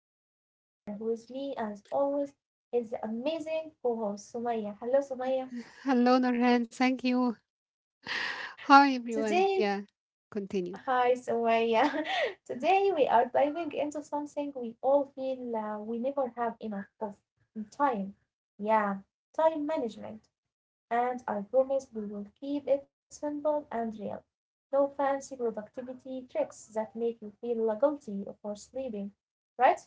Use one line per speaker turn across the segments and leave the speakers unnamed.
I am Nurhan and with me as always is the amazing co-host Sumaya. Hello Sumaya.
Hello, Nurhan. Thank you. Hi, everyone.
Today
Yeah, continue.
Hi, Sumaya. Today we are diving into something we all feel we never have enough of time. Yeah, time management. And I promise we will keep it simple and real. No fancy productivity tricks that make you feel guilty for sleeping. Right, Sumaya?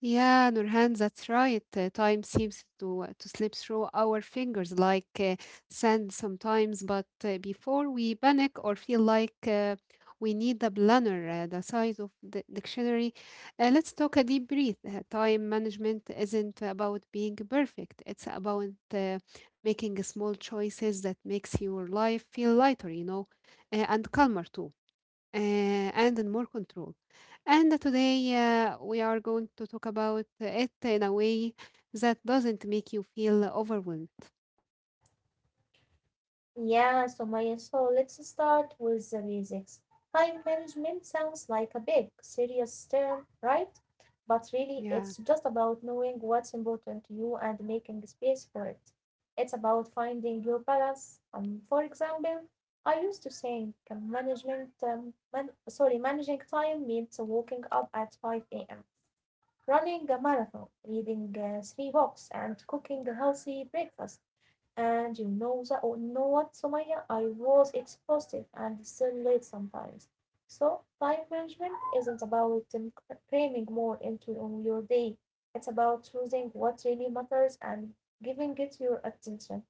Yeah, Nurhan, that's right. Time seems to to slip through our fingers like sand sometimes. But before we panic or feel like we need a planner the size of the dictionary, let's talk a deep breath. Time management isn't about being perfect. It's about making small choices that makes your life feel lighter, and calmer too. And in more control. And today we are going to talk about it in a way that doesn't make you feel overwhelmed.
Yeah, Sumaya. So let's start with the basics. Time management sounds like a big, serious term, right? But really, it's
Yeah.
just about knowing what's important to you and making space for it. It's about finding your balance. For example, I used to think managing time means waking up at 5 a.m., running a marathon, reading three books, and cooking a healthy breakfast. And you know that oh, know what, Sumaya? I was exhausted and still late sometimes. So time management isn't about cramming more into on your day. It's about choosing what really matters and giving it your attention.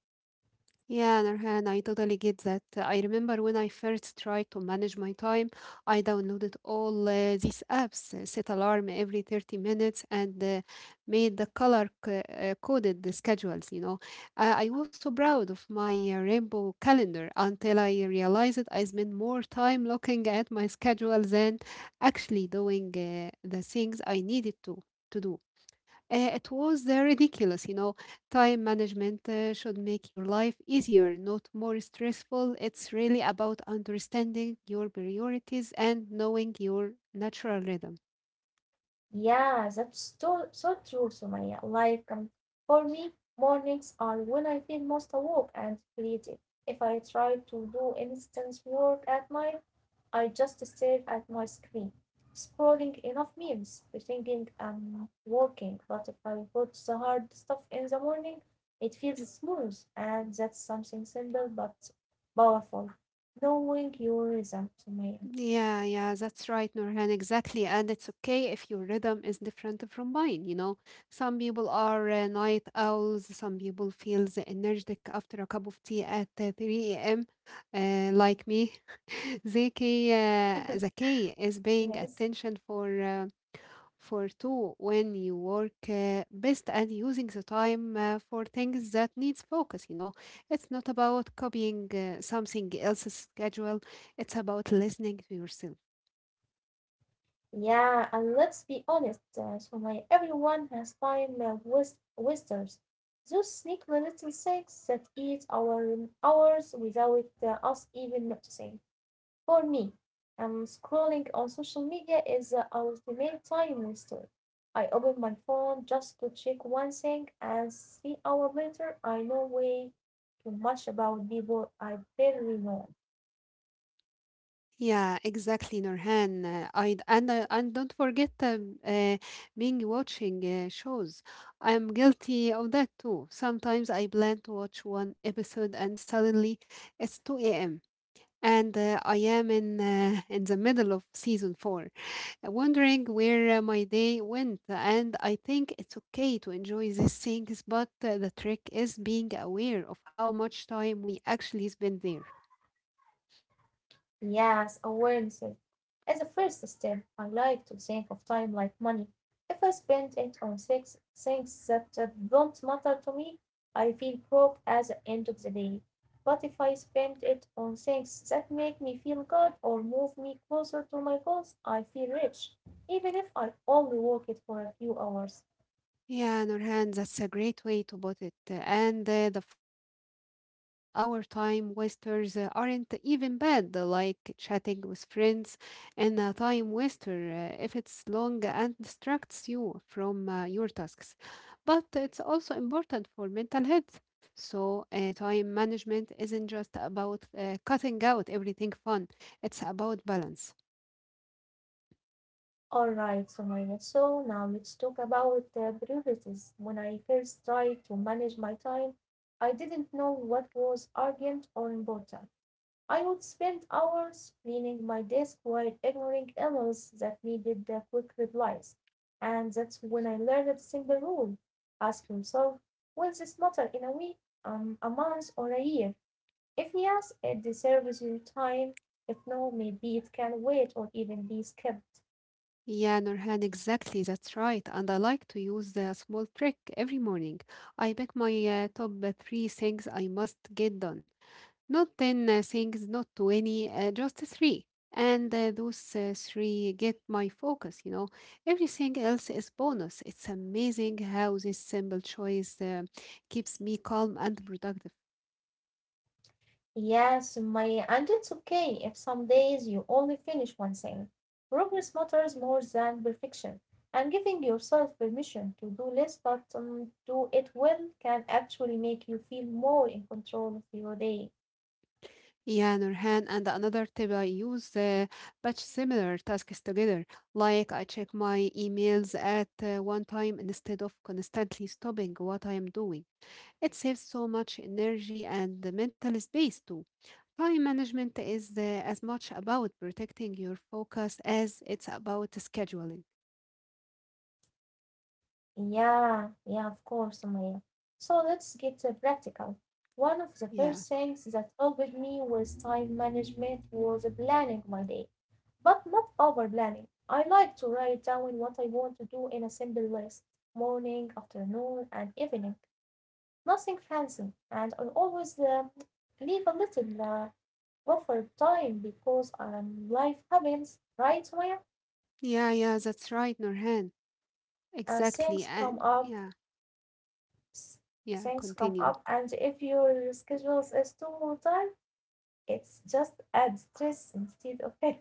Yeah, Nurhan, I totally get that. I remember when I first tried to manage my time, I downloaded all these apps, set alarm every 30 minutes, and made the color coded the schedules, you know. I was so proud of my rainbow calendar until I realized I spent more time looking at my schedule than actually doing the things I needed to do. It was ridiculous, you know. Time management should make your life easier, not more stressful. It's really about understanding your priorities and knowing your natural rhythm.
Yeah, that's so true, Sumaya. Like for me, mornings are when I feel most awake and creative. If I try to do instant work at night, I just stared at my screen, scrolling enough memes, pretending I'm working, but if I put the hard stuff in the morning, it feels smooth, and that's something simple but powerful. Knowing your rhythm, Sumaya.
Yeah, that's right, Nurhan. Exactly. And it's okay if your rhythm is different from mine. You know, some people are night owls, some people feel energetic after a cup of tea at 3 a.m., like me. Zaki, uh, Zaki is paying
Yes.
attention for. For two when you work best and using the time for things that needs focus, you know. It's not about copying something else's schedule. It's about listening to yourself.
Yeah, and let's be honest, Sumaya, everyone has time wasters. Those sneaky little things that eat our hours without us even noticing. For me, scrolling on social media is our ultimate time waster. I open my phone just to check one thing, and 3 hours later, I know way too much about people I barely know.
Yeah, exactly, Nurhan. I and don't forget being watching shows. I'm guilty of that too. Sometimes I plan to watch one episode and suddenly it's 2 a.m. and I am in the middle of season four, wondering where my day went. And I think it's okay to enjoy these things, but the trick is being aware of how much time we actually spend there.
Yes, awareness is the first step. I like to think of time like money. If I spend it on things that don't matter to me, I feel broke at the end of the day. But if I spend it on things that make me feel good or move me closer to my goals, I feel rich, even if I only work it for a few hours.
Yeah, Nurhan, that's a great way to put it. And the funny part is sometimes our time wasters aren't even bad, like chatting with friends and a time waster if it's long and distracts you from your tasks. But it's also important for mental health. So, time management isn't just about cutting out everything fun, it's about balance.
All right, Sumaya. So now let's talk about priorities. When I first tried to manage my time, I didn't know what was urgent or important. I would spend hours cleaning my desk while ignoring emails that needed quick replies. And that's when I learned a simple rule. Ask yourself, will this matter in a week, a month, or a year? If yes, it deserves your time. If no, maybe it can wait or even be skipped.
Yeah, Nurhan, exactly. That's right. And I like to use a small trick every morning. I pick my top three things I must get done. Not 10 things, not 20, just three. And those three get my focus, you know. Everything else is bonus. It's amazing how this simple choice keeps me calm and productive.
Yes, my and it's okay if some days you only finish one thing. Progress matters more than perfection, and giving yourself permission to do less but do it well can actually make you feel more in control of your day.
Yeah, Nurhan, and another tip I use, batch similar tasks together. Like I check my emails at one time instead of constantly stopping what I am doing. It saves so much energy and the mental space too. Time management is as much about protecting your focus as it's about scheduling.
Yeah, yeah, of course, Maya. So let's get practical. One of the
Yeah,
first things that helped me with time management was planning my day. But not over planning. I like to write down what I want to do in a simple list morning, afternoon, and evening. Nothing fancy, and I always leave a little buffer time because life happens, right, Maya?
yeah, that's right, Nurhan.
And
Exactly. And yeah, yeah,
things come
continue.
up, and if your schedule is too tight, it's just add stress instead of help.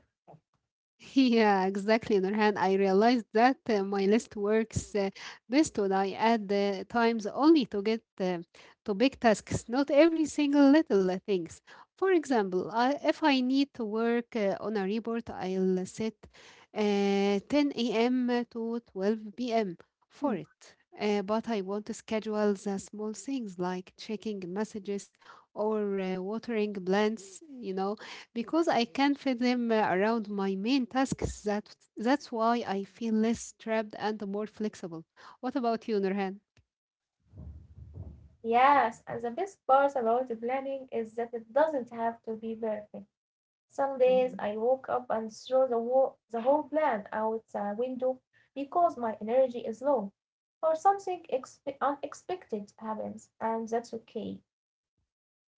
Yeah, exactly, Nurhan. I realized that my list works best when I add the times only to get to big tasks, not every single little things. For example, if I need to work on a report, I'll set uh, 10 a.m. to 12 p.m. for it. But I want to schedule the small things like checking messages or watering plants, you know, because I can fit them around my main tasks. That's why I feel less trapped and more flexible. What about you, Nurhan?
Yes, and the best part about planning is that it doesn't have to be perfect. Some days I woke up and threw the whole plan out the window because my energy is low, or something unexpected happens, and that's okay.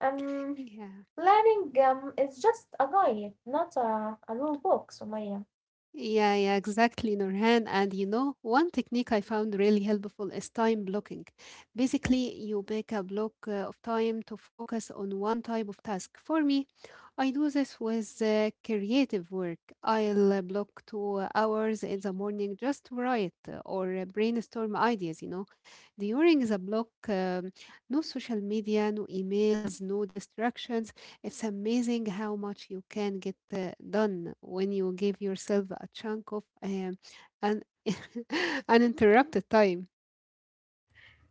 Um,
Yeah.
planning is just a guide, not a rule book, Sumaya.
Yeah, exactly, Nurhan. And you know, one technique I found really helpful is time blocking. Basically, you pick a block of time to focus on one type of task. For me, I do this with creative work. I'll block 2 hours in the morning just to write or brainstorm ideas, you know. During the block, no social media, no emails, no distractions. It's amazing how much you can get done when you give yourself a chunk of an uninterrupted time.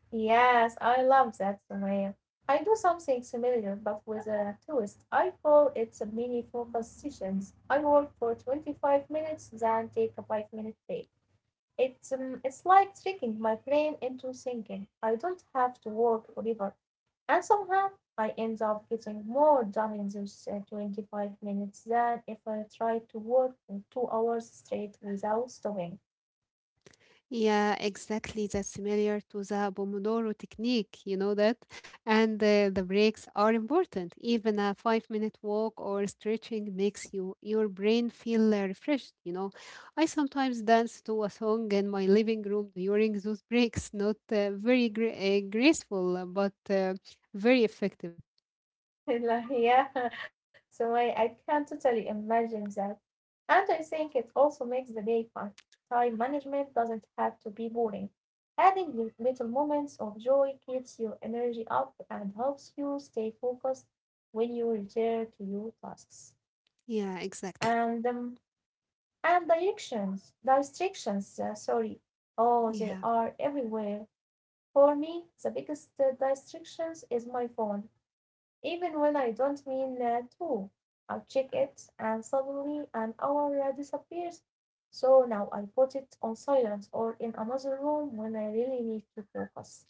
Yes, I love that, Sumaya. I do something similar but with a twist. I call it a mini focus sessions. I work for 25 minutes, then take a 5-minute break. It's like tricking my brain into thinking I don't have to work forever, and somehow I end up getting more done in those 25 minutes than if I tried to work for 2 hours straight without stopping.
Yeah, exactly. That's similar to the Pomodoro technique, you know that? And the breaks are important. Even a 5 minute walk or stretching makes you your brain feel refreshed, you know. I sometimes dance to a song in my living room during those breaks. Not very graceful, but very effective.
Like, yeah, so I can totally imagine that. And I think it also makes the day fun. Time management doesn't have to be boring. Adding little moments of joy keeps your energy up and helps you stay focused when you return to your tasks.
Yeah, exactly.
And distractions, sorry. Oh, they
Yeah.
are everywhere. For me, the biggest distractions is my phone. Even when I don't mean to. I check it, and suddenly an hour disappears, so now I put it on silent or in another room when I really need to focus.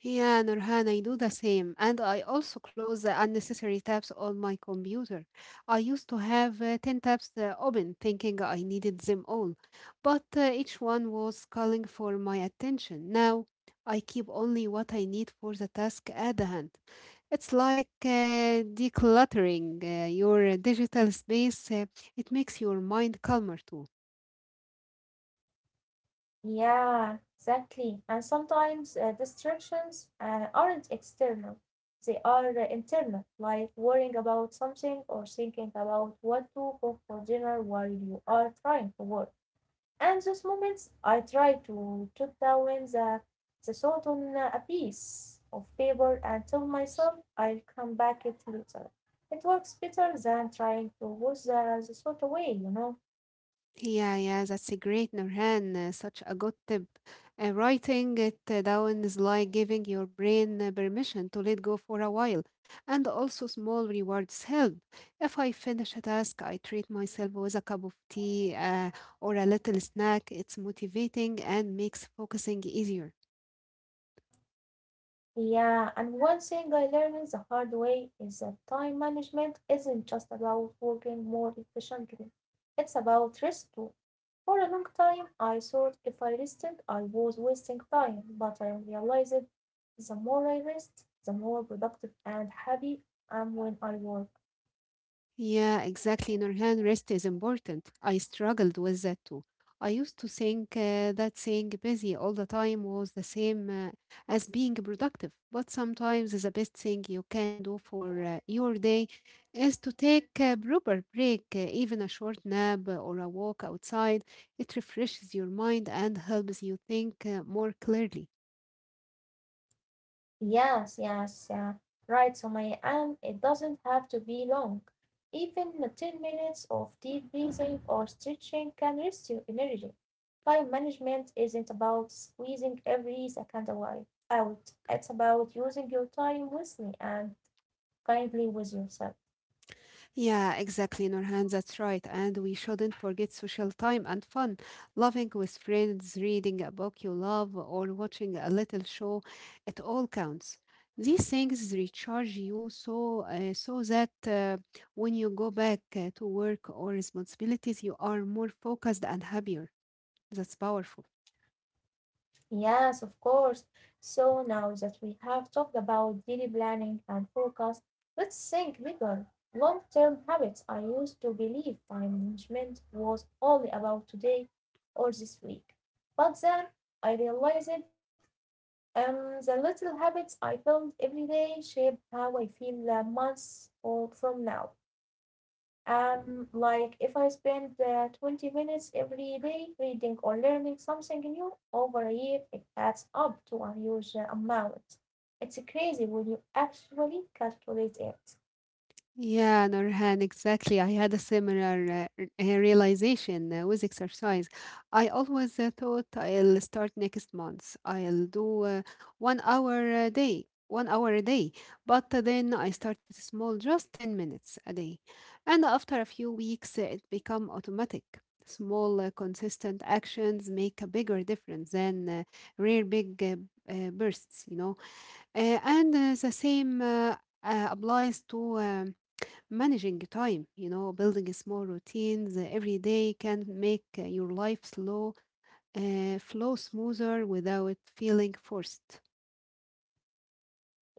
Yeah, Nurhan, I do the same. And I also close the unnecessary tabs on my computer. I used to have 10 tabs open, thinking I needed them all. But each one was calling for my attention. Now I keep only what I need for the task at hand. It's like decluttering your digital space. It makes your mind calmer too.
Yeah, exactly. And sometimes distractions aren't external, they are internal, like worrying about something or thinking about what to cook for dinner while you are trying to work. And those moments I try to jot down the thought on a piece of paper and tell myself I'll come back it later. It works better than trying to wash the thought away, you know.
Yeah, that's a great Nurhan. Such a good tip. Writing it down is like giving your brain permission to let go for a while. And also, small rewards help. If I finish a task, I treat myself with a cup of tea or a little snack. It's motivating and makes focusing easier.
Yeah, and one thing I learned the hard way is that time management isn't just about working more efficiently. It's about rest too. For a long time I thought if I rested I was wasting time, but I realized the more I rest, the more productive and happy I am when I work.
Yeah, exactly. Nurhan, rest is important. I struggled with that too. I used to think that saying busy all the time was the same as being productive, but sometimes the best thing you can do for your day is to take a proper break, even a short nap or a walk outside. It refreshes your mind and helps you think more clearly.
Yes, yes, uh, right, so my, and it doesn't have to be long. Even 10 minutes of deep breathing or stretching can restore energy. Time management isn't about squeezing every second away out. It's about using your time wisely and kindly with yourself.
Yeah, exactly, Nurhan. That's right. And we shouldn't forget social time and fun. Laughing with friends, reading a book you love, or watching a little show, it all counts. These things recharge you so that when you go back to work or responsibilities, you are more focused and happier. That's powerful.
Yes, of course. So now that we have talked about daily planning and focus, let's think bigger. Long-term habits. I used to believe time management was only about today or this week. But then I realized the little habits I build every day shape how I feel months or from now. Like if I spend 20 minutes every day reading or learning something new over a year, it adds up to a huge amount. It's crazy when you actually calculate it.
Yeah, Nurhan, exactly. I had a similar realization with exercise. I always thought I'll start next month. I'll do one hour a day, one hour a day. But then I started small, just 10 minutes a day. And after a few weeks, it become automatic. Small, consistent actions make a bigger difference than rare big bursts, you know. And the same applies to managing time. You know, building small routines every day can make your life slow flow smoother without feeling forced.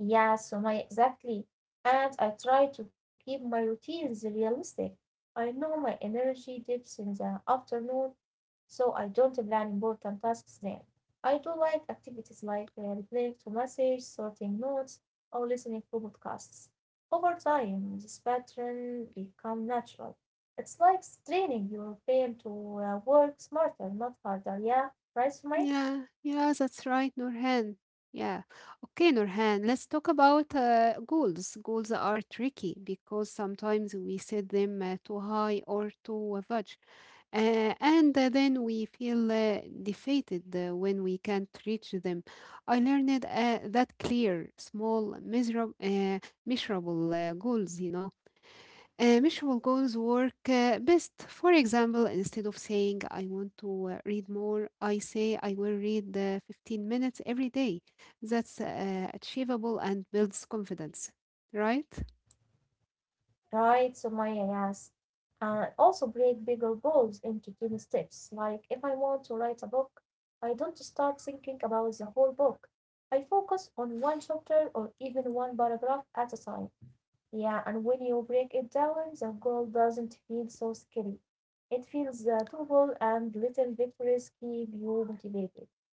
Yeah, Sumaya, exactly. And I try to keep my routines realistic. I know my energy dips in the afternoon, so I don't plan important tasks there. I do like activities like replying to messages, sorting notes, or listening to podcasts. Over time, this pattern become natural. It's like training your brain to work smarter, not harder. Yeah, right, Sumaya?
Yeah, that's right, Nurhan. Yeah. Okay, Nurhan, let's talk about goals. Goals are tricky because sometimes we set them too high or too vague. And then we feel defeated when we can't reach them. I learned that clear, small, measurable measurable goals work best. For example, instead of saying I want to read more, I say I will read 15 minutes every day. That's achievable and builds confidence, right?
Right, Sumaya, yes. And also break bigger goals into tiny steps. Like if I want to write a book, I don't start thinking about the whole book. I focus on one chapter or even one paragraph at a time. Yeah, and when you break it down, the goal doesn't feel so scary. It feels doable, and little victories keep you motivated.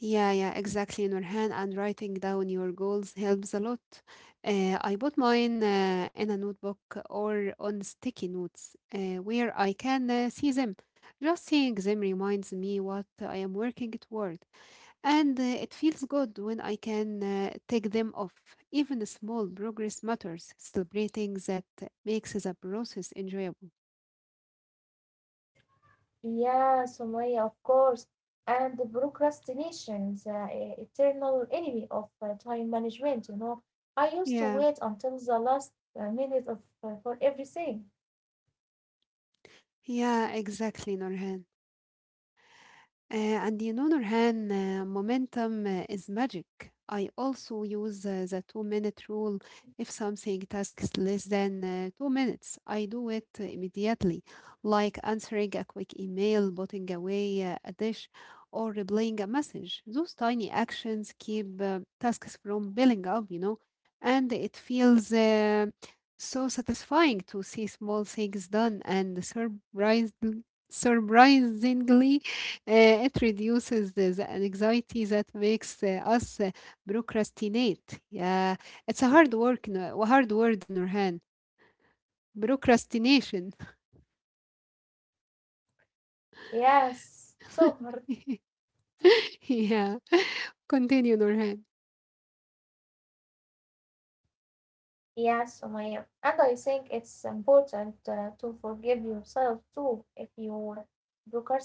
Yeah, exactly, Nurhan. And writing down your goals helps a lot. I put mine in a notebook or on sticky notes where I can see them. Just seeing them reminds me what I am working toward, and it feels good when I can take them off. Even small progress matters. Celebrating that makes the process enjoyable.
Yeah, Sumaya, of course. And the procrastination is the eternal enemy of time management, you know. I used to
Yeah,
wait until the last minute of for everything.
yeah, exactly, Nurhan. And you know, Nurhan, momentum is magic. I also use the 2 minute rule. If something takes less than 2 minutes, I do it immediately, like answering a quick email, putting away a dish, or replying a message. Those tiny actions keep tasks from building up, you know, and it feels so satisfying to see small things done and surprised Surprisingly, it reduces the anxiety that makes us procrastinate. Yeah, it's a hard work, no- a hard word, Nurhan. Procrastination.
Yes, so hard.
Yeah, continue, Nurhan.
Yes, Sumaya. And I think it's important to forgive yourself too if you procrast.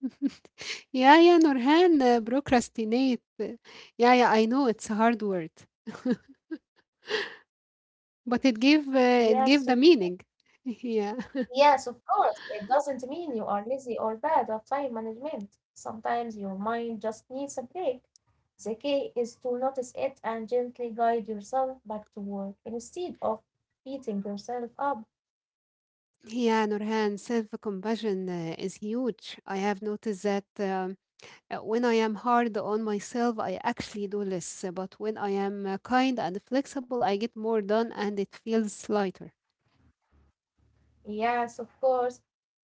Yeah Nurhan, procrastinate. Yeah, I know it's a hard word, but it gave
Yes,
the meaning. Yeah.
yes, of course. It doesn't mean you are lazy or bad at time management. Sometimes your mind just needs a break. The key is to notice it and gently guide yourself back to work instead of beating yourself up.
Yeah, Nurhan, self-compassion is huge. I have noticed that when I am hard on myself, I actually do less. But when I am kind and flexible, I get more done and it feels lighter.
Yes, of course.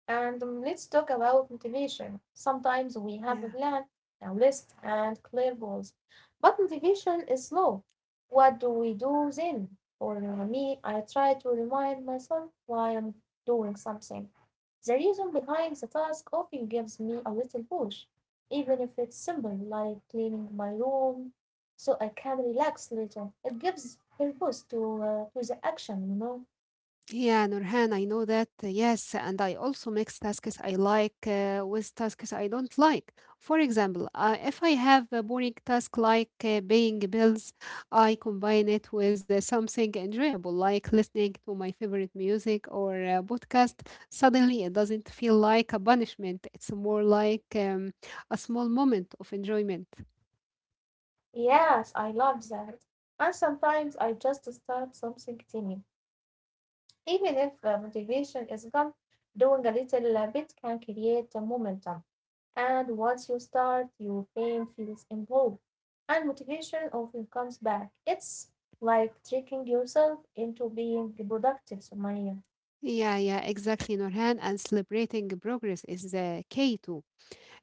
And let's talk about motivation. Sometimes we have a
Yeah.
plan, a list, and clear goals, but motivation is low. What do we do then? For me, I try to remind myself why I'm doing something. The reason behind the task often gives me a little push, even if it's simple, like cleaning my room so I can relax later. It gives purpose to the action, you know.
Yeah, Nurhan, I know that. Yes, and I also mix tasks I like with tasks I don't like. For example, if I have a boring task like paying bills, I combine it with something enjoyable, like listening to my favorite music or a podcast. Suddenly, it doesn't feel like a punishment. It's more like a small moment of enjoyment.
Yes, I love that. And sometimes I just start something tiny. Even if the motivation is gone, doing a little bit can create the momentum. And once you start, your brain feels involved. And motivation often comes back. It's like tricking yourself into being productive, Sumaya.
Yeah, yeah, exactly, Nurhan. And celebrating progress is the key too.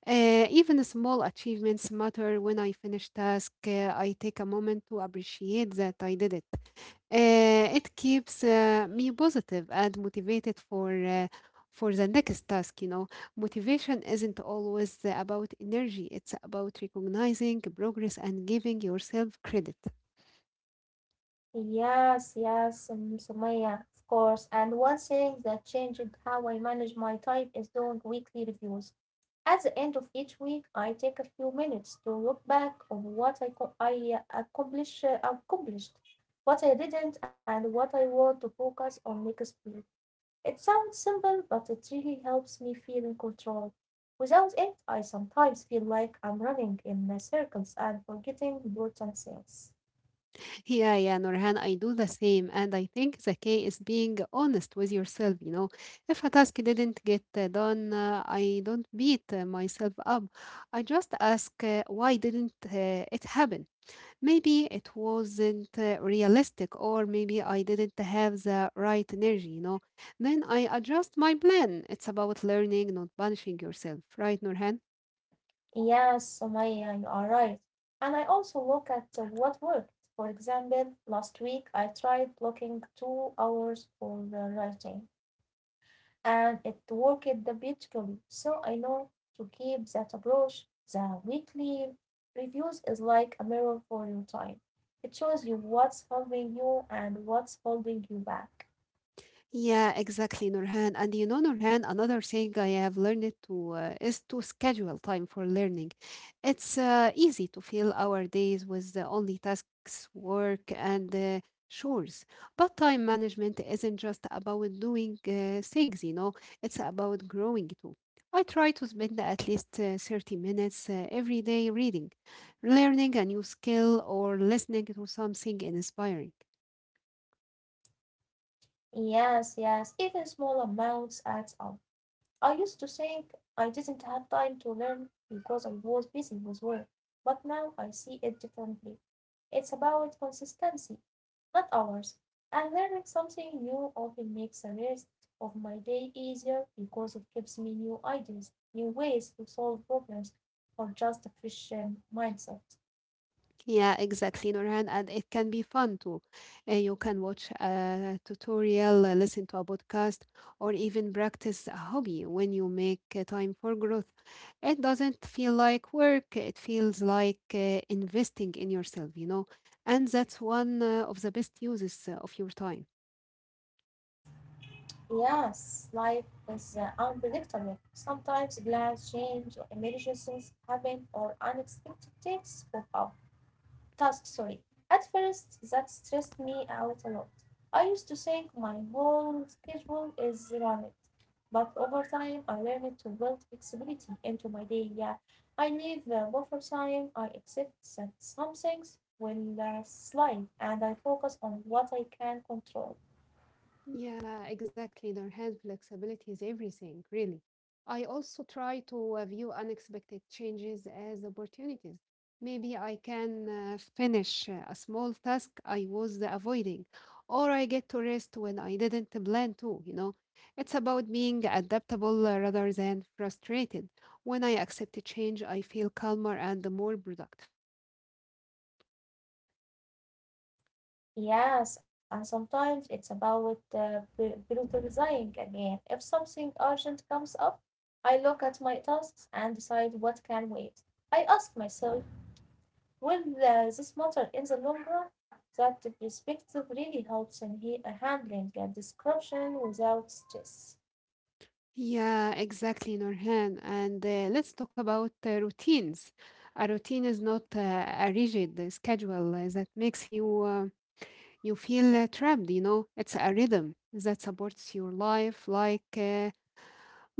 Even the small achievements matter when I finish task. I take a moment to appreciate that I did it. It keeps me positive and motivated for the next task. You know, motivation isn't always about energy. It's about recognizing progress and giving yourself credit.
Yes, Sumaya, of course. And one thing that changed how I manage my time is doing weekly reviews. At the end of each week I take a few minutes to look back on I accomplished, what I didn't, and what I want to focus on next week. It sounds simple, but it really helps me feel in control. Without it, I sometimes feel like I'm running in circles and forgetting important things.
Yeah, yeah, Nurhan, I do the same. And I think the key is being honest with yourself. You know, if a task didn't get done, I don't beat myself up. I just ask, why didn't it happen? Maybe it wasn't realistic, or maybe I didn't have the right energy, you know. Then I adjust my plan. It's about learning, not punishing yourself, right, Nurhan?
Yes, Somaya, you are right. And I also look at what worked. For example, last week I tried blocking 2 hours for writing. And it worked beautifully. So I know to keep that approach. The weekly reviews is like a mirror for your time. It shows you what's helping you and what's holding you back.
Yeah, exactly, Nurhan. And you know, Nurhan, another thing I have learned to is to schedule time for learning. It's easy to fill our days with the only tasks, work, and chores. But time management isn't just about doing things, you know, it's about growing too. I try to spend at least 30 minutes every day reading, learning a new skill, or listening to something inspiring.
Yes, yes, even small amounts adds up. I used to think I didn't have time to learn because I was busy with work, but now I see it differently. It's about consistency, not hours. And learning something new often makes the rest of my day easier because it gives me new ideas, new ways to solve problems, or just a fresh mindset.
Yeah, exactly, Nurhan. And it can be fun too. You can watch a tutorial, listen to a podcast, or even practice a hobby when you make time for growth. It doesn't feel like work, it feels like investing in yourself, you know. And that's one of the best uses of your time.
Yes, life is unpredictable. Sometimes plans change, emergencies happen, or unexpected things pop up, task, sorry. At first, that stressed me out a lot. I used to think my whole schedule is rammed, but over time I learned to build flexibility into my day. Yeah, I leave buffer time, I accept that some things will slide, and I focus on what I can control.
Yeah, exactly. Their hand flexibility is everything, really. I also try to view unexpected changes as opportunities. Maybe I can finish a small task I was avoiding, or I get to rest when I didn't plan to, you know. It's about being adaptable rather than frustrated. When I accept a change, I feel calmer and more productive.
Yes, and sometimes it's about prioritizing again. If something urgent comes up, I look at my tasks and decide what can wait. I ask myself, will this matter in the long run? That perspective really helps in handling a description without stress.
Yeah, exactly, Norhan. And let's talk about routines. A routine is not a rigid schedule that makes you you feel trapped, you know. It's a rhythm that supports your life, like uh,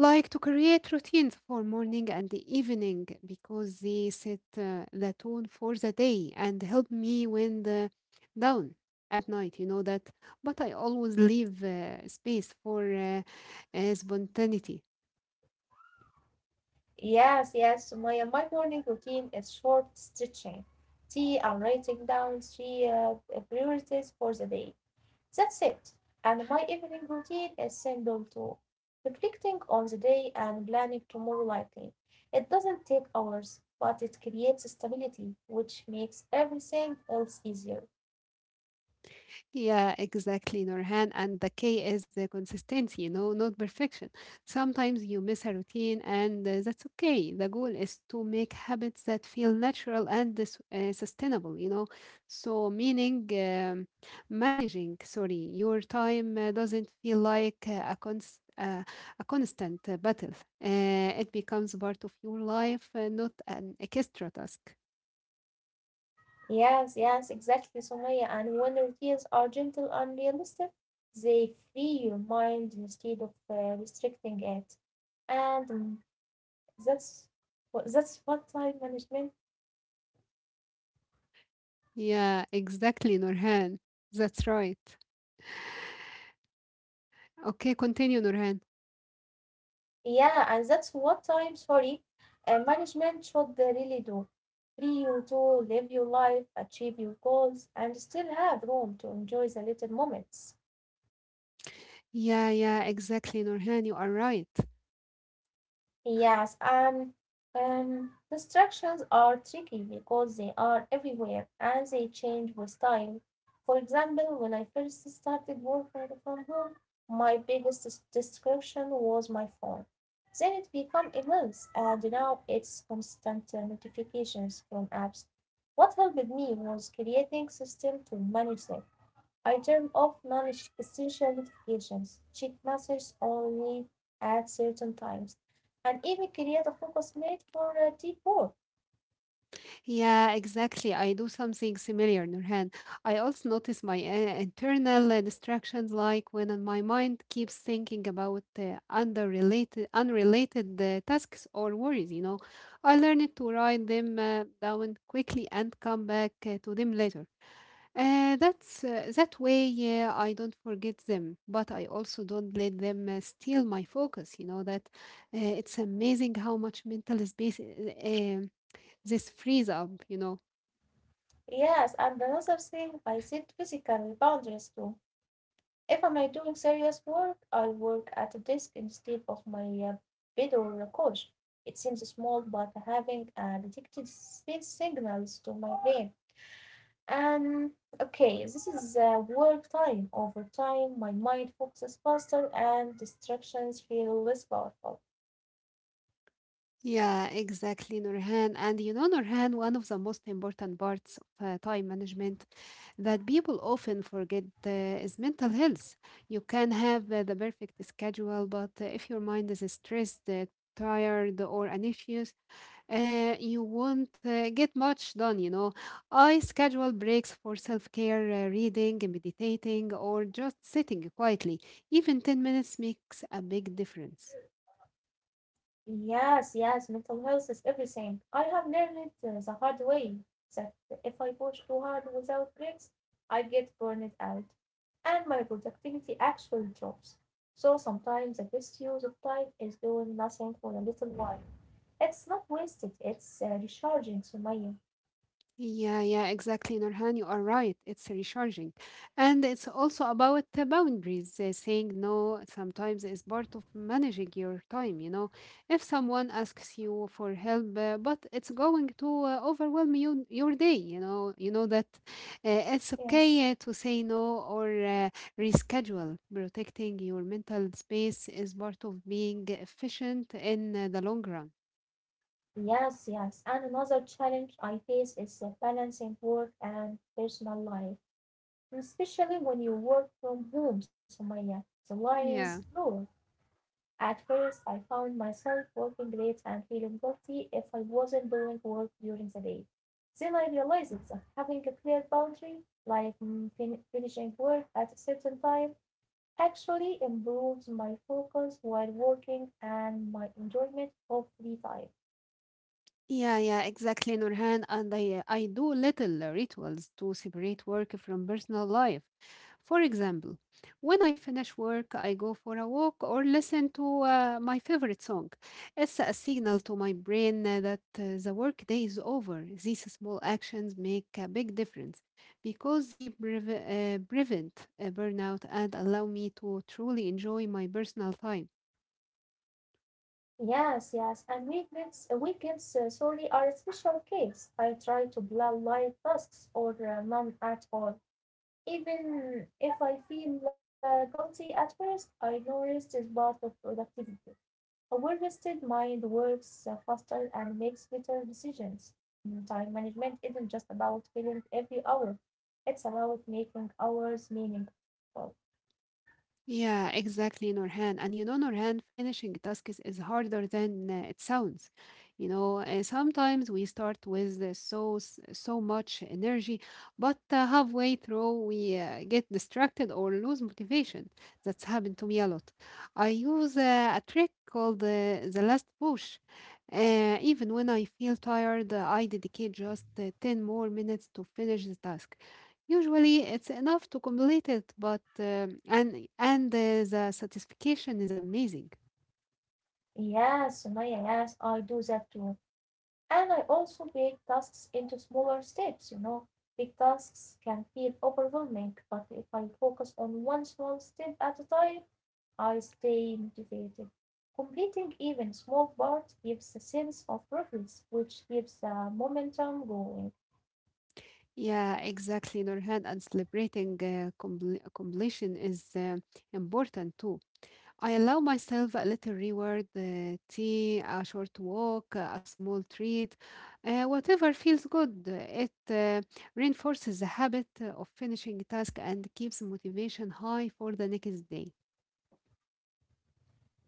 like to create routines for morning and the evening because they set the tone for the day and help me wind the down at night, you know that. But I always leave space for spontaneity.
Yes, yes, my morning routine is short stretching, tea, and writing down three priorities for the day. That's it, and my evening routine is simple too, reflecting on the day and planning tomorrow lightly. It doesn't take hours, but it creates stability, which makes everything else easier.
Yeah, exactly, Norhan. And the key is the consistency, you know, not perfection. Sometimes you miss a routine, and that's okay. The goal is to make habits that feel natural and sustainable, you know. So, meaning managing, sorry, your time doesn't feel like a constant battle. It becomes part of your life, not an extra task.
Yes, yes, exactly, Sumaya. And when routines are gentle and realistic, they free your mind instead of restricting it. And that's that's what time management.
Yeah, exactly, Nurhan. That's right. Okay, continue, Nurhan.
Yeah, and that's what management should really do. Free you to live your life, achieve your goals, and still have room to enjoy the little moments.
Yeah, yeah, exactly, Nurhan. You are right.
Yes, and distractions are tricky because they are everywhere and they change with time. For example, when I first started working from home, my biggest distraction was my phone. Then it became immense, and now it's constant notifications from apps. What helped me was creating system to manage them. I turn off non essential notifications, checked messages only at certain times, and even create a focus made for deep work.
Yeah, exactly. I do something similar, Nurhan. I also notice my internal distractions, like when my mind keeps thinking about unrelated tasks or worries. You know, I learned to write them down quickly and come back to them later. That way, yeah, I don't forget them, but I also don't let them steal my focus. You know that it's amazing how much mental space um, this frees up. You know.
Yes, and another thing, I set physical boundaries too. If I'm doing serious work, I work at a desk instead of my bed or a couch. It seems small, but having detected these signals to my brain. Um, okay, this is work time. Over time, my mind focuses faster and distractions feel less powerful.
Yeah, exactly, Nurhan. And you know, Nurhan, one of the most important parts of time management that people often forget is mental health. You can have the perfect schedule, but if your mind is stressed, tired, or anxious, you won't get much done, you know. I schedule breaks for self care, reading, meditating, or just sitting quietly. Even 10 minutes makes a big difference.
Yes, yes, mental health is everything. I have learned it the hard way that if I push too hard without breaks, I get burned out and my productivity actually drops. So sometimes the best use of time is doing nothing for a little while. It's not wasted, it's recharging, Sumaya.
Yeah, yeah, exactly, Nurhan. You are right. It's recharging. And it's also about the boundaries. Saying no sometimes is part of managing your time, you know. If someone asks you for help, but it's going to overwhelm you your day, you know that uh, it's
Yes.
okay to say no or reschedule. Protecting your mental space is part of being efficient in the long run.
Yes, yes. And another challenge I face is balancing work and personal life, especially when you work from home, Sumaya. The lion's
Yeah.
roar. At first, I found myself working late and feeling guilty if I wasn't doing work during the day. Then I realized that having a clear boundary, like finishing work at a certain time, actually improves my focus while working and my enjoyment of free time.
Yeah, yeah, exactly, Nurhan. And I do little rituals to separate work from personal life. For example, when I finish work, I go for a walk or listen to my favorite song. It's a signal to my brain that the workday is over. These small actions make a big difference because they prevent burnout and allow me to truly enjoy my personal time.
Yes, yes, and weekends, are a special case. I try to plan light tasks or none at all. Even if I feel guilty at first, I know rest is part of productivity. A well-rested mind works faster and makes better decisions. Time management isn't just about filling every hour. It's about making hours meaningful.
Yeah, exactly, Norhan. And you know, Norhan, finishing tasks is harder than it sounds. You know, sometimes we start with so much energy, but halfway through we get distracted or lose motivation. That's happened to me a lot. I use a trick called the last push. Even when I feel tired, I dedicate just 10 more minutes to finish the task. Usually, it's enough to complete it, but and the satisfaction is amazing.
Yes, Sumaya, yes, I do that too. And I also break tasks into smaller steps. Big tasks can feel overwhelming, but if I focus on one small step at a time, I stay motivated. Completing even small part gives a sense of progress, which keeps the momentum going.
Yeah, exactly, Nurhan, and celebrating completion is important too. I allow myself a little reward, tea, a short walk, a small treat, whatever feels good. It reinforces the habit of finishing a task and keeps motivation high for the next day.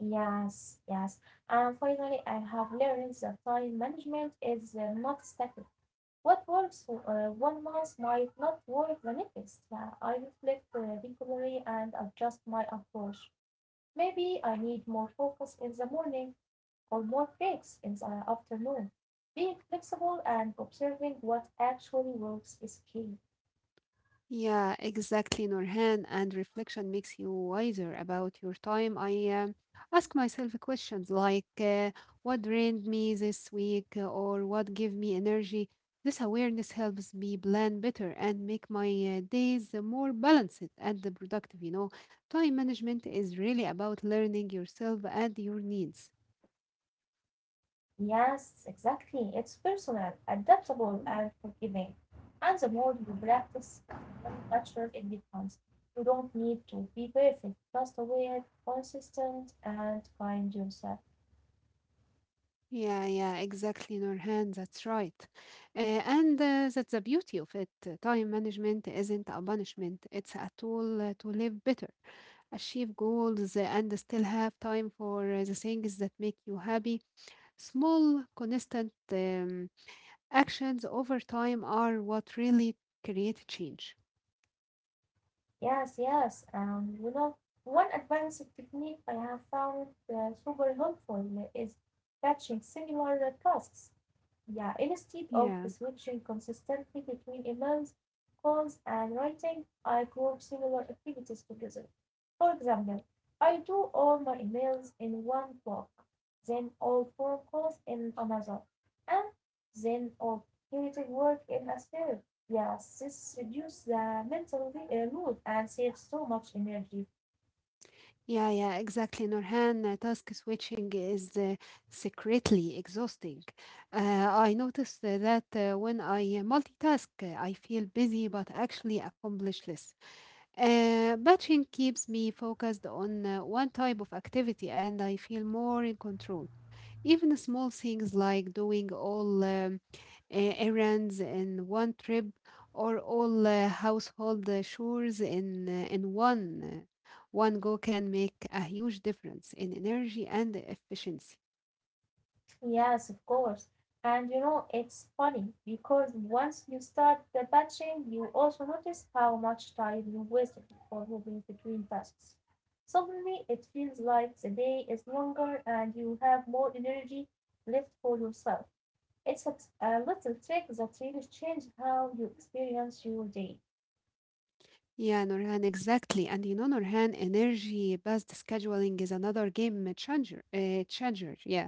Yes, yes. And finally, I have learned that time management is not static. What works for one month might not work the next. Yeah, I reflect regularly and adjust my approach. Maybe I need more focus in the morning or more breaks in the afternoon. Being flexible and observing what actually works is key.
Yeah, exactly, Norhan. And reflection makes you wiser about your time. I ask myself questions like what drained me this week or what gave me energy. This awareness helps me plan better and make my days more balanced and productive, you know. Time management is really about learning yourself and your needs.
Yes, exactly. It's personal, adaptable, and forgiving. And the more you practice, the more natural it becomes. You don't need to be perfect, just aware, consistent, and kind yourself.
Yeah, yeah, exactly, Nurhan. That's right. And that's the beauty of it. Time management isn't a punishment, it's a tool to live better, achieve goals, and still have time for the things that make you happy. Small, consistent actions over time are what really create change.
Yes, yes. And one advanced technique I have found super helpful is batching similar tasks. Yeah, instead of
Yeah.
switching consistently between emails, calls, and writing, I group similar activities together. For example, I do all my emails in one block, then all phone calls in another, and then all creative work in a third. Yes, this reduces the mental load and saves so much energy.
Yeah, yeah, exactly, Norhan. Task switching is secretly exhausting. I noticed that when I multitask, I feel busy but actually accomplish less. Batching keeps me focused on one type of activity and I feel more in control. Even small things like doing all errands in one trip or all household chores in one go can make a huge difference in energy and efficiency.
Yes, of course. And it's funny because once you start the batching, you also notice how much time you wasted for moving between tasks. Suddenly, it feels like the day is longer and you have more energy left for yourself. It's a little trick that really changes how you experience your day.
Yeah, Norhan, exactly. And you know, Norhan, energy-based scheduling is another game changer, yeah.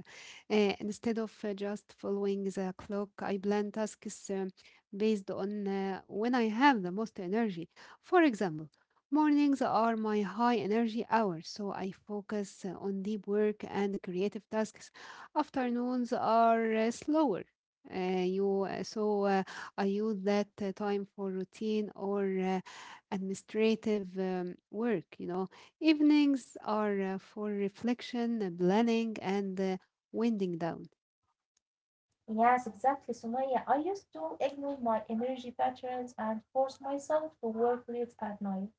Instead of just following the clock, I plan tasks based on when I have the most energy. For example, mornings are my high energy hours, so I focus on deep work and creative tasks. Afternoons are slower. You so I use that time for routine or administrative work. You know, evenings are for reflection, planning, and winding down.
Yes, exactly, Sumaya. I used to ignore my energy patterns and force myself to work late at night,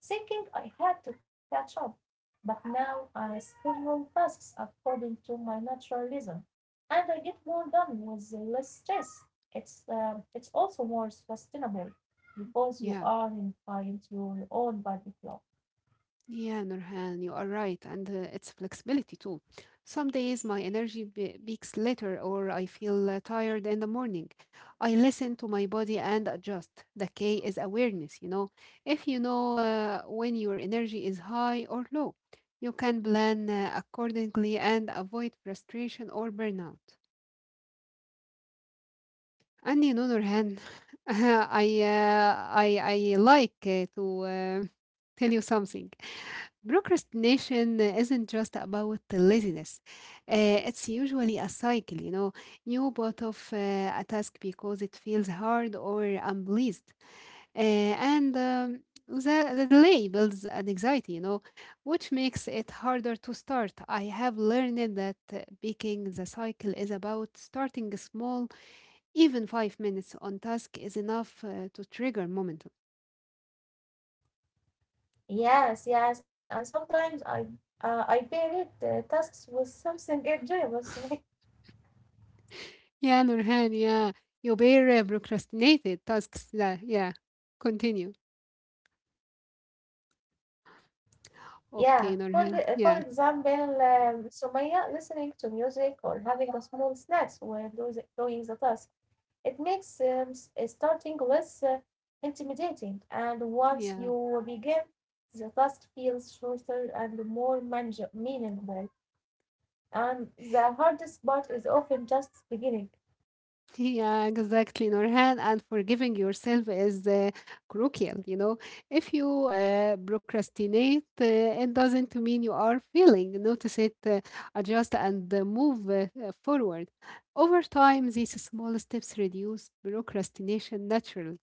thinking I had to catch up, but now I schedule tasks according to my natural rhythm, and I get more done with less stress. It's also more sustainable because you
Yeah,
are in client your own body clock.
yeah, Nurhan, you are right, and it's flexibility too. Some days my energy peaks later, or I feel tired in the morning. I listen to my body and adjust. The K is awareness. You know, if you know when your energy is high or low. You can plan accordingly and avoid frustration or burnout. And on other hand, I like to tell you something. Procrastination isn't just about the laziness. It's usually a cycle, you know. You put off a task because it feels hard or unpleased, and the delay builds an anxiety, you know, which makes it harder to start. I have learned that breaking the cycle is about starting small even 5 minutes on task is enough to trigger momentum.
Yes, yes, and sometimes I pair it tasks with something enjoyable. So
Yeah, Nurhan, yeah. You bear procrastinated tasks. Yeah, yeah. Continue.
yeah,
Okay, Nurhan.
for
Yeah,
example, Sumaya listening to music or having a small snacks while doing the task. It makes starting less intimidating, and once
yeah.
you begin, the task feels shorter and more meaningful. And the hardest part is often just beginning.
Yeah, exactly, Nurhan. And forgiving yourself is crucial, you know. If you procrastinate, it doesn't mean you are failing. Notice it, adjust, and move forward. Over time, these small steps reduce procrastination naturally.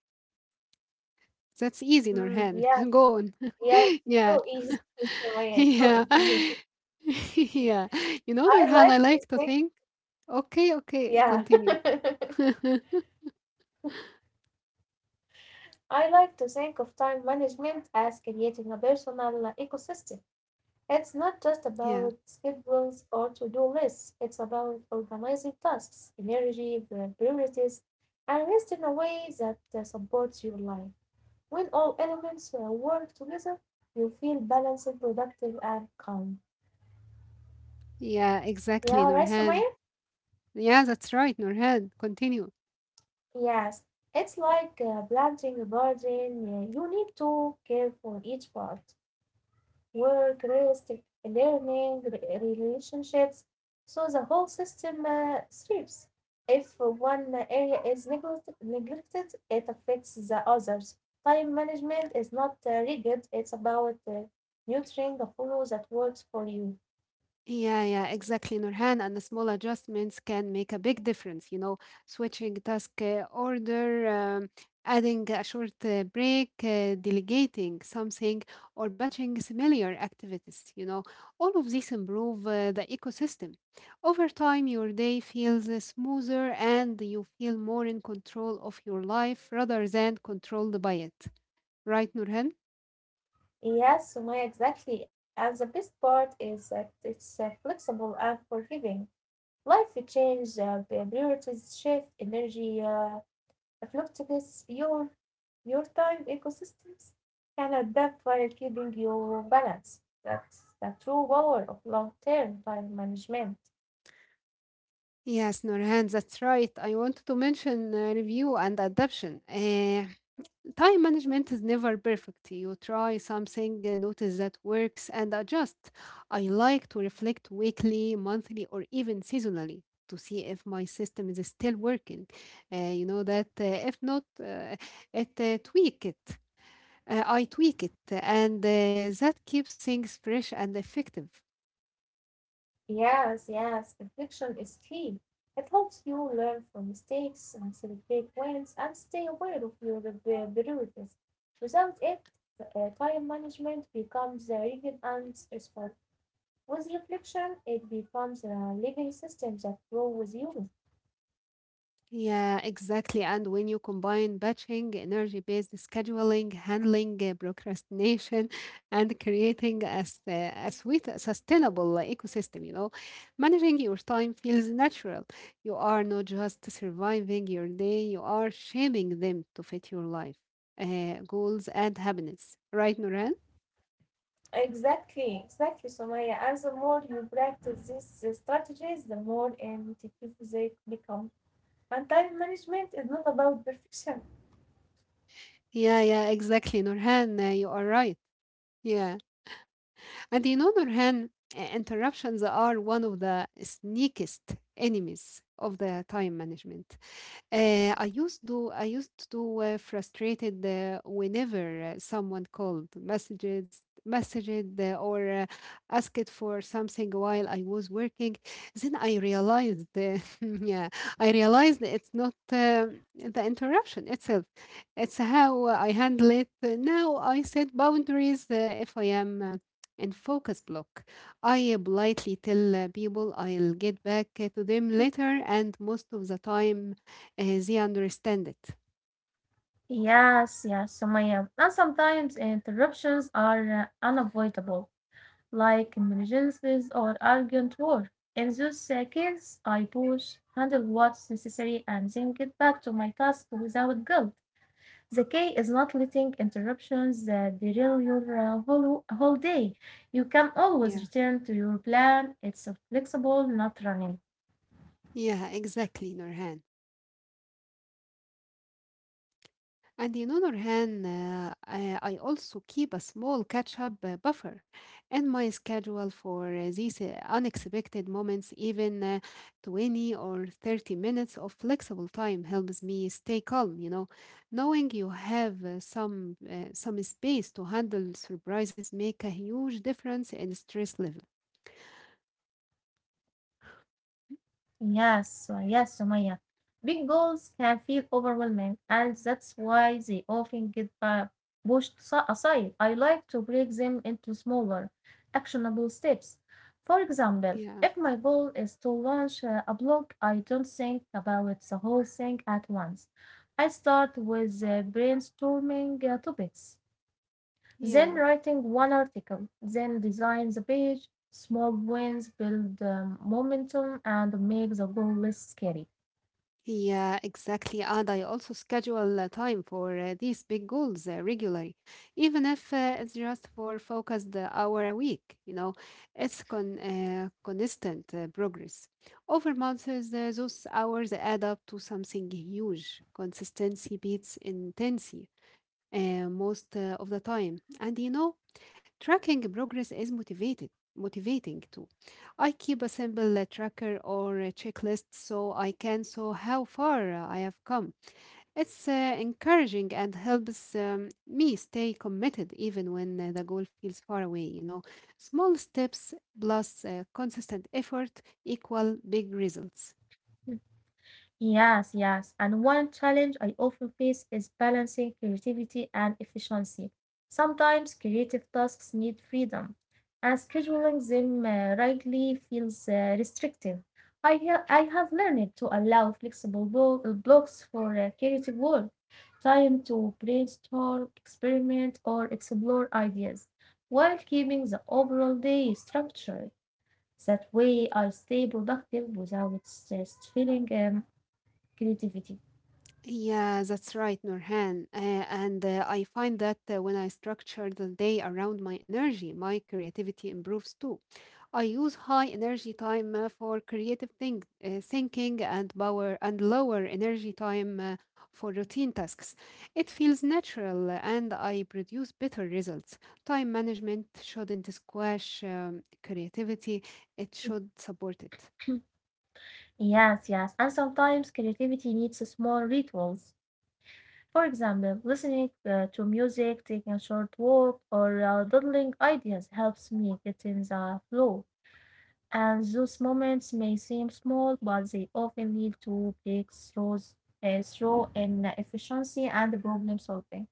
That's easy,
Mm,
Nurhan.
yeah,
Go on.
yeah,
Yeah.
so easy. So yeah, so
Yeah.
easy.
Yeah. You
I
know,
like
Nurhan, I
to
like
think,
to think. Okay, okay,
yeah.
continue.
I like to think of time management as creating a personal ecosystem. It's not just
Yeah.
about schedules or to do lists; it's about organizing tasks, energy, priorities, and rest in a way that supports your life. When all elements work together, you feel balanced, productive, and calm.
Yeah,
Yeah, right,
exactly,
Sumaya?
Nurhan. Yeah, that's right, Nurhan. Continue.
Yes, it's like planting a garden. Yeah, you need to care for each part. Work, rest, learning, relationships. So the whole system thrives. If one area is neglected, it affects the others. Time management is not rigid, it's about nurturing a flow that works for you.
Yeah, yeah, exactly, Nurhan. And the small adjustments can make a big difference, you know, switching task order, adding a short break, delegating something, or batching similar activities, you know. All of these improve the ecosystem. Over time, your day feels smoother and you feel more in control of your life rather than controlled by it. Right, Nurhan?
Yes, Sumaya, exactly. And the best part is that it's flexible and forgiving. Life changes, priorities shift, energy fluctuates, your time ecosystems can adapt while keeping your balance. That's the true power of long term time management.
Yes, Nurhan, that's right. I wanted to mention review and adaptation. Time management is never perfect. You try something, notice that works, and adjust. I like to reflect weekly, monthly, or even seasonally to see if my system is still working. You know that if not, it tweak it. I tweak it, and that keeps things fresh and effective.
Yes, yes, reflection is key. It helps you learn from mistakes and celebrate wins and stay aware of your priorities. Without it, time management becomes rigid and stressful. With reflection, it becomes a living system that grows with you.
Yeah, exactly. And when you combine batching, energy-based scheduling, handling procrastination, and creating a sweet, sustainable ecosystem, you know, managing your time feels natural. You are not just surviving your day, you are shaping them to fit your life, goals, and happiness. Right, Nurhan?
Exactly, exactly, Sumaya. And the more you practice these strategies, the more intuitive they become. And time management is not about perfection.
Yeah, yeah, exactly, Nurhan. You are right. Yeah. And in other hand, interruptions are one of the sneakiest enemies of the time management. I used to frustrated whenever someone called messages messaged or asked for something while I was working. Then I realized, yeah, I realized it's not the interruption itself. It's how I handle it. Now I set boundaries if I am. In focus block, I politely tell people I'll get back to them later, and most of the time they understand it.
Yes, yes, Sumaya. And sometimes interruptions are unavoidable, like emergencies or urgent work. In those cases, I push, handle what's necessary, and then get back to my task without guilt. The key is not letting interruptions derail your whole day. You can always
Yeah,
return to your plan. It's flexible, not running.
yeah, exactly, Nurhan. And the other hand, I also keep a small catch-up buffer in my schedule for these unexpected moments. Even 20 or 30 minutes of flexible time helps me stay calm, you know. Knowing you have some space to handle surprises make a huge difference in stress level.
Yes, yes, Sumaya. Big goals can feel overwhelming, and that's why they often get pushed aside. I like to break them into smaller, actionable steps. For example, if
Yeah,
my goal is to launch a blog, I don't think about the whole thing at once. I start with brainstorming topics. Then
yeah.
writing one article, then design the page. Small wins build momentum and make the goal less scary.
Yeah, exactly. And I also schedule time for these big goals regularly, even if it's just for focused hour a week. You know, it's consistent progress. Over months, those hours add up to something huge. Consistency beats intensity most of the time. And you know, tracking progress is motivating too. I keep a simple tracker or a checklist so I can show how far I have come. It's encouraging and helps me stay committed even when the goal feels far away, you know. Small steps plus consistent effort equal big results.
Yes, yes. And one challenge I often face is balancing creativity and efficiency. Sometimes creative tasks need freedom, and scheduling them rightly feels restrictive. I have learned to allow flexible blocks for creative work, time to brainstorm, experiment, or explore ideas, while keeping the overall day structured. That way, I stay productive without uh, feeling creativity.
Yeah, that's right, Nurhan. And I find that when I structure the day around my energy, my creativity improves too. I use high energy time for thinking and power and lower energy time for routine tasks. It feels natural and I produce better results. Time management shouldn't squash creativity, it should support it.
Yes, yes. And sometimes creativity needs small rituals. For example, listening to music, taking a short walk, or doodling ideas helps me get in the flow. And those moments may seem small, but they often lead to breakthroughs through in efficiency and problem solving.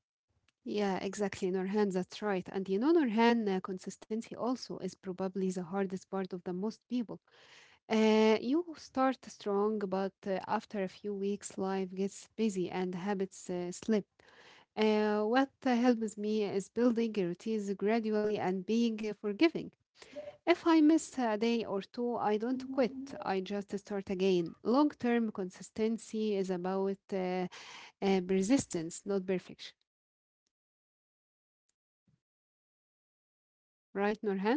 Yeah, exactly, Nurhan. That's right. And you know, Nurhan, consistency also is probably the hardest part of the most people. You start strong, but after a few weeks, life gets busy and habits slip. What helps me is building routines gradually and being forgiving. If I miss a day or two, I don't quit. I just start again. Long term consistency is about persistence, not perfection. Right, Nurhan?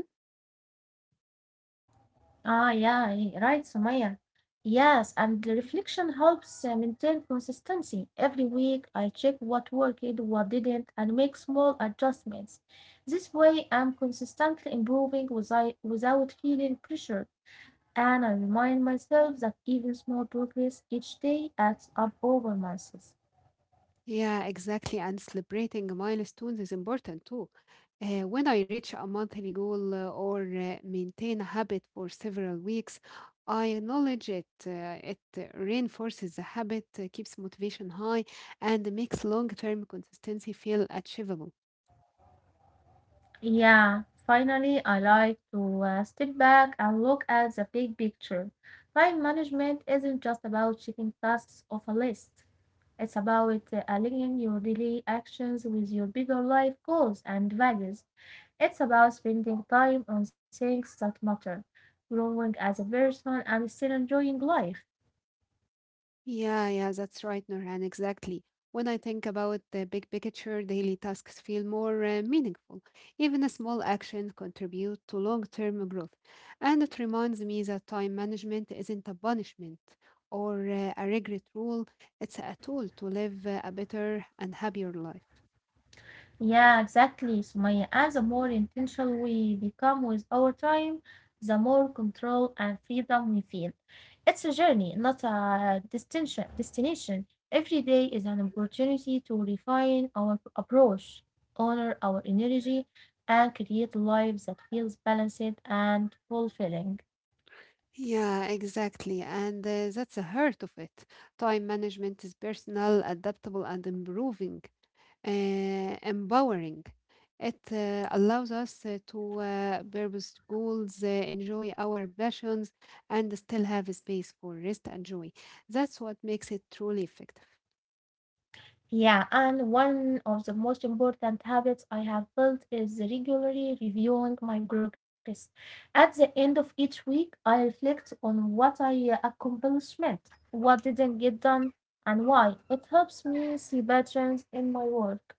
Ah, yeah, right, Sumaya. Yes, and the reflection helps maintain consistency. Every week, I check what worked, what didn't, and make small adjustments. This way, I'm consistently improving without feeling pressured. And I remind myself that even small progress each day adds up over months.
Yeah, exactly. And celebrating milestones is important too. When I reach a monthly goal or maintain a habit for several weeks, I acknowledge it. It reinforces the habit, keeps motivation high, and makes long term consistency feel achievable.
Yeah, finally, I like to step back and look at the big picture. Time management isn't just about checking tasks off a list, it's about aligning your daily actions with your bigger life goals and values. It's about spending time on things that matter, growing as a person, and still enjoying life.
Yeah, yeah, that's right, Nurhan, exactly. When I think about the big picture, daily tasks feel more meaningful. Even a small action contribute to long-term growth. And it reminds me that time management isn't a punishment or a regret rule. It's a tool to live a better and happier life.
Yeah, exactly, Sumaya. And the more intentional we become with our time, the more control and freedom we feel. It's a journey, not a destination. Every day is an opportunity to refine our approach, honor our energy, and create lives that feels balanced and fulfilling.
Yeah, exactly. And that's the heart of it. Time management is personal, adaptable, and improving, uh, empowering. It allows us to purpose goals, enjoy our passions, and still have space for rest and joy. That's what makes it truly effective.
Yeah, and one of the most important habits I have built is regularly reviewing my progress. At the end of each week, I reflect on what I accomplished, what didn't get done, and why. It helps me see patterns in my work,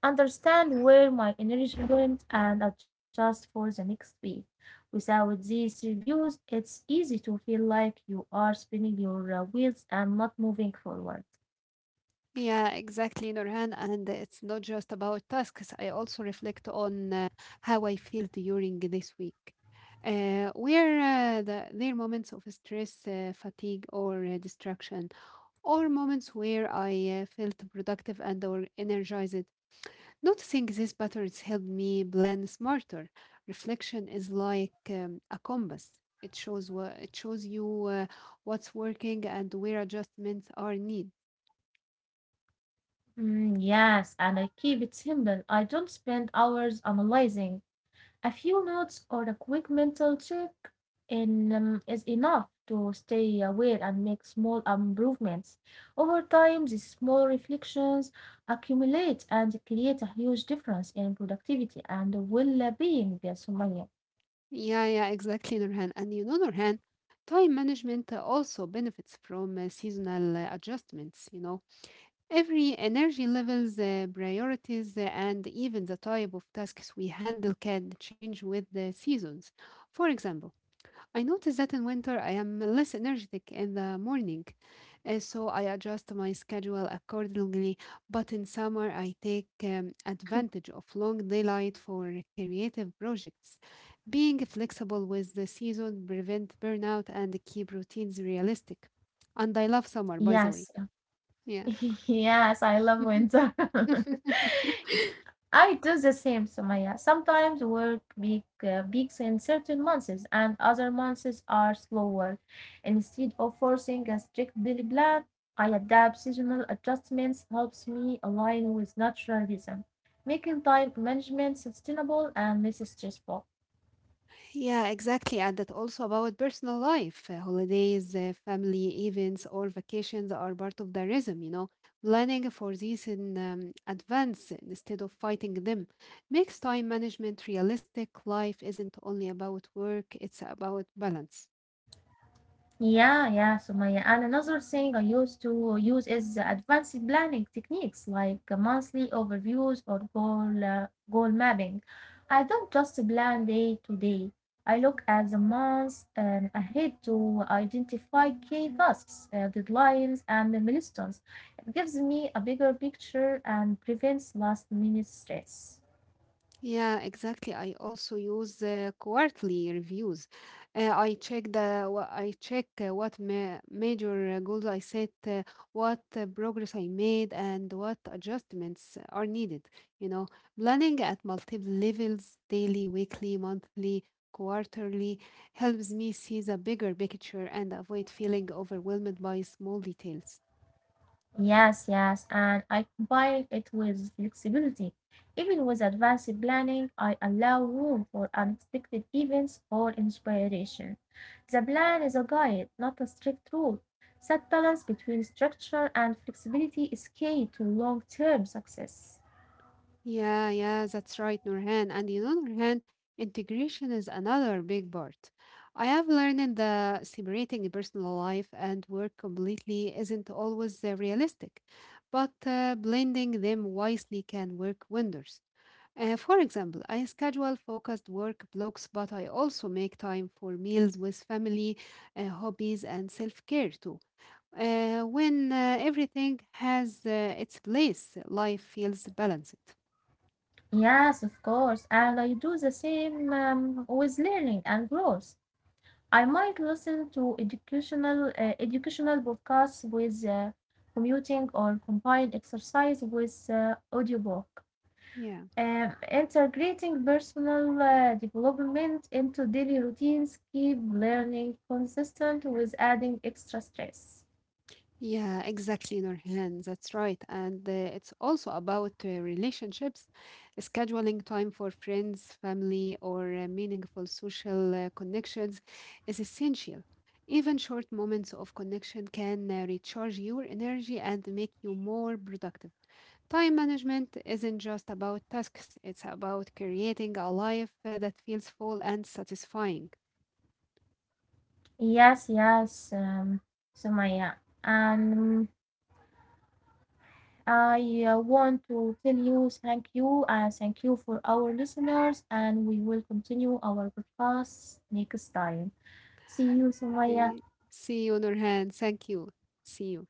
understand where my energy went, and adjust for the next week. Without these reviews, it's easy to feel like you are spinning your wheels and not moving forward.
Yeah, exactly, Nurhan. And it's not just about tasks. I also reflect on how I feel during this week. There are moments of stress, fatigue, or distraction, or moments where I felt productive and or energized. Noticing these patterns helped me plan smarter. Reflection is like a compass. It shows you what's working and where adjustments are needed.
Mm, yes, and I keep it simple. I don't spend hours analyzing. A few notes or a quick mental check in, is enough to stay aware and make small improvements. Over time, these small reflections accumulate and create a huge difference in productivity and well-being, there, Sumaya.
Yeah, yeah, exactly, Nurhan. And you know, Nurhan, time management also benefits from seasonal adjustments. You know, every energy levels, priorities, and even the type of tasks we handle can change with the seasons. For example. I notice that in winter I am less energetic in the morning, and so I adjust my schedule accordingly. But in summer, I take advantage of long daylight for creative projects. Being flexible with the season prevent burnout and keep routines realistic. And I love summer, by the
Yes,
way. Yeah.
yes, I love winter. I do the same, Sumaya. Sometimes work big, peaks in certain months, and other months are slower. Instead of forcing a strict daily plan, I adapt. Seasonal adjustments helps me align with natural rhythm, making time management sustainable and less stressful.
Yeah, exactly. And it's also about personal life. Holidays, family events, or vacations are part of the rhythm, you know. Planning for these in advance instead of fighting them makes time management realistic. Life isn't only about work, it's about balance.
Yeah, yeah, Sumaya. And another thing I used to use is advanced planning techniques like monthly overviews or goal mapping. I don't just plan day to day. I look at the months ahead to identify key tasks, deadlines, and milestones. It gives me a bigger picture and prevents last minute stress.
Yeah, exactly. I also use quarterly reviews. I check what ma major goals I set, what progress I made, and what adjustments are needed. You know, planning at multiple levels, daily, weekly, monthly, quarterly, helps me see the bigger picture and avoid feeling overwhelmed by small details.
Yes, yes, and I combine it with flexibility. Even with advanced planning, I allow room for unexpected events or inspiration. The plan is a guide, not a strict rule. That balance between structure and flexibility is key to long-term success.
Yeah, yeah, that's right, Nurhan. And you know, Nurhan, integration is another big part. I have learned that separating personal life and work completely isn't always realistic, but blending them wisely can work wonders. For example, I schedule focused work blocks, but I also make time for meals with family, hobbies, and self care too. When everything has its place, life feels balanced.
Yes, of course, and I do the same with learning and growth. I might listen to educational podcasts with commuting or combine exercise with audiobook.
Yeah.
Integrating personal development into daily routines keep learning consistent with adding extra stress.
Yeah, exactly, Nurhan. That's right. And it's also about relationships, scheduling time for friends, family, or meaningful social connections is essential. Even short moments of connection can recharge your energy and make you more productive. Time management isn't just about tasks, it's about creating a life that feels full and satisfying.
Yes, yes, Sumaya. And I want to tell you thank you and thank you for our listeners, and we will continue our podcast next time. See you, Sumaya.
Uh, See you, Nurhan. Thank you. See you.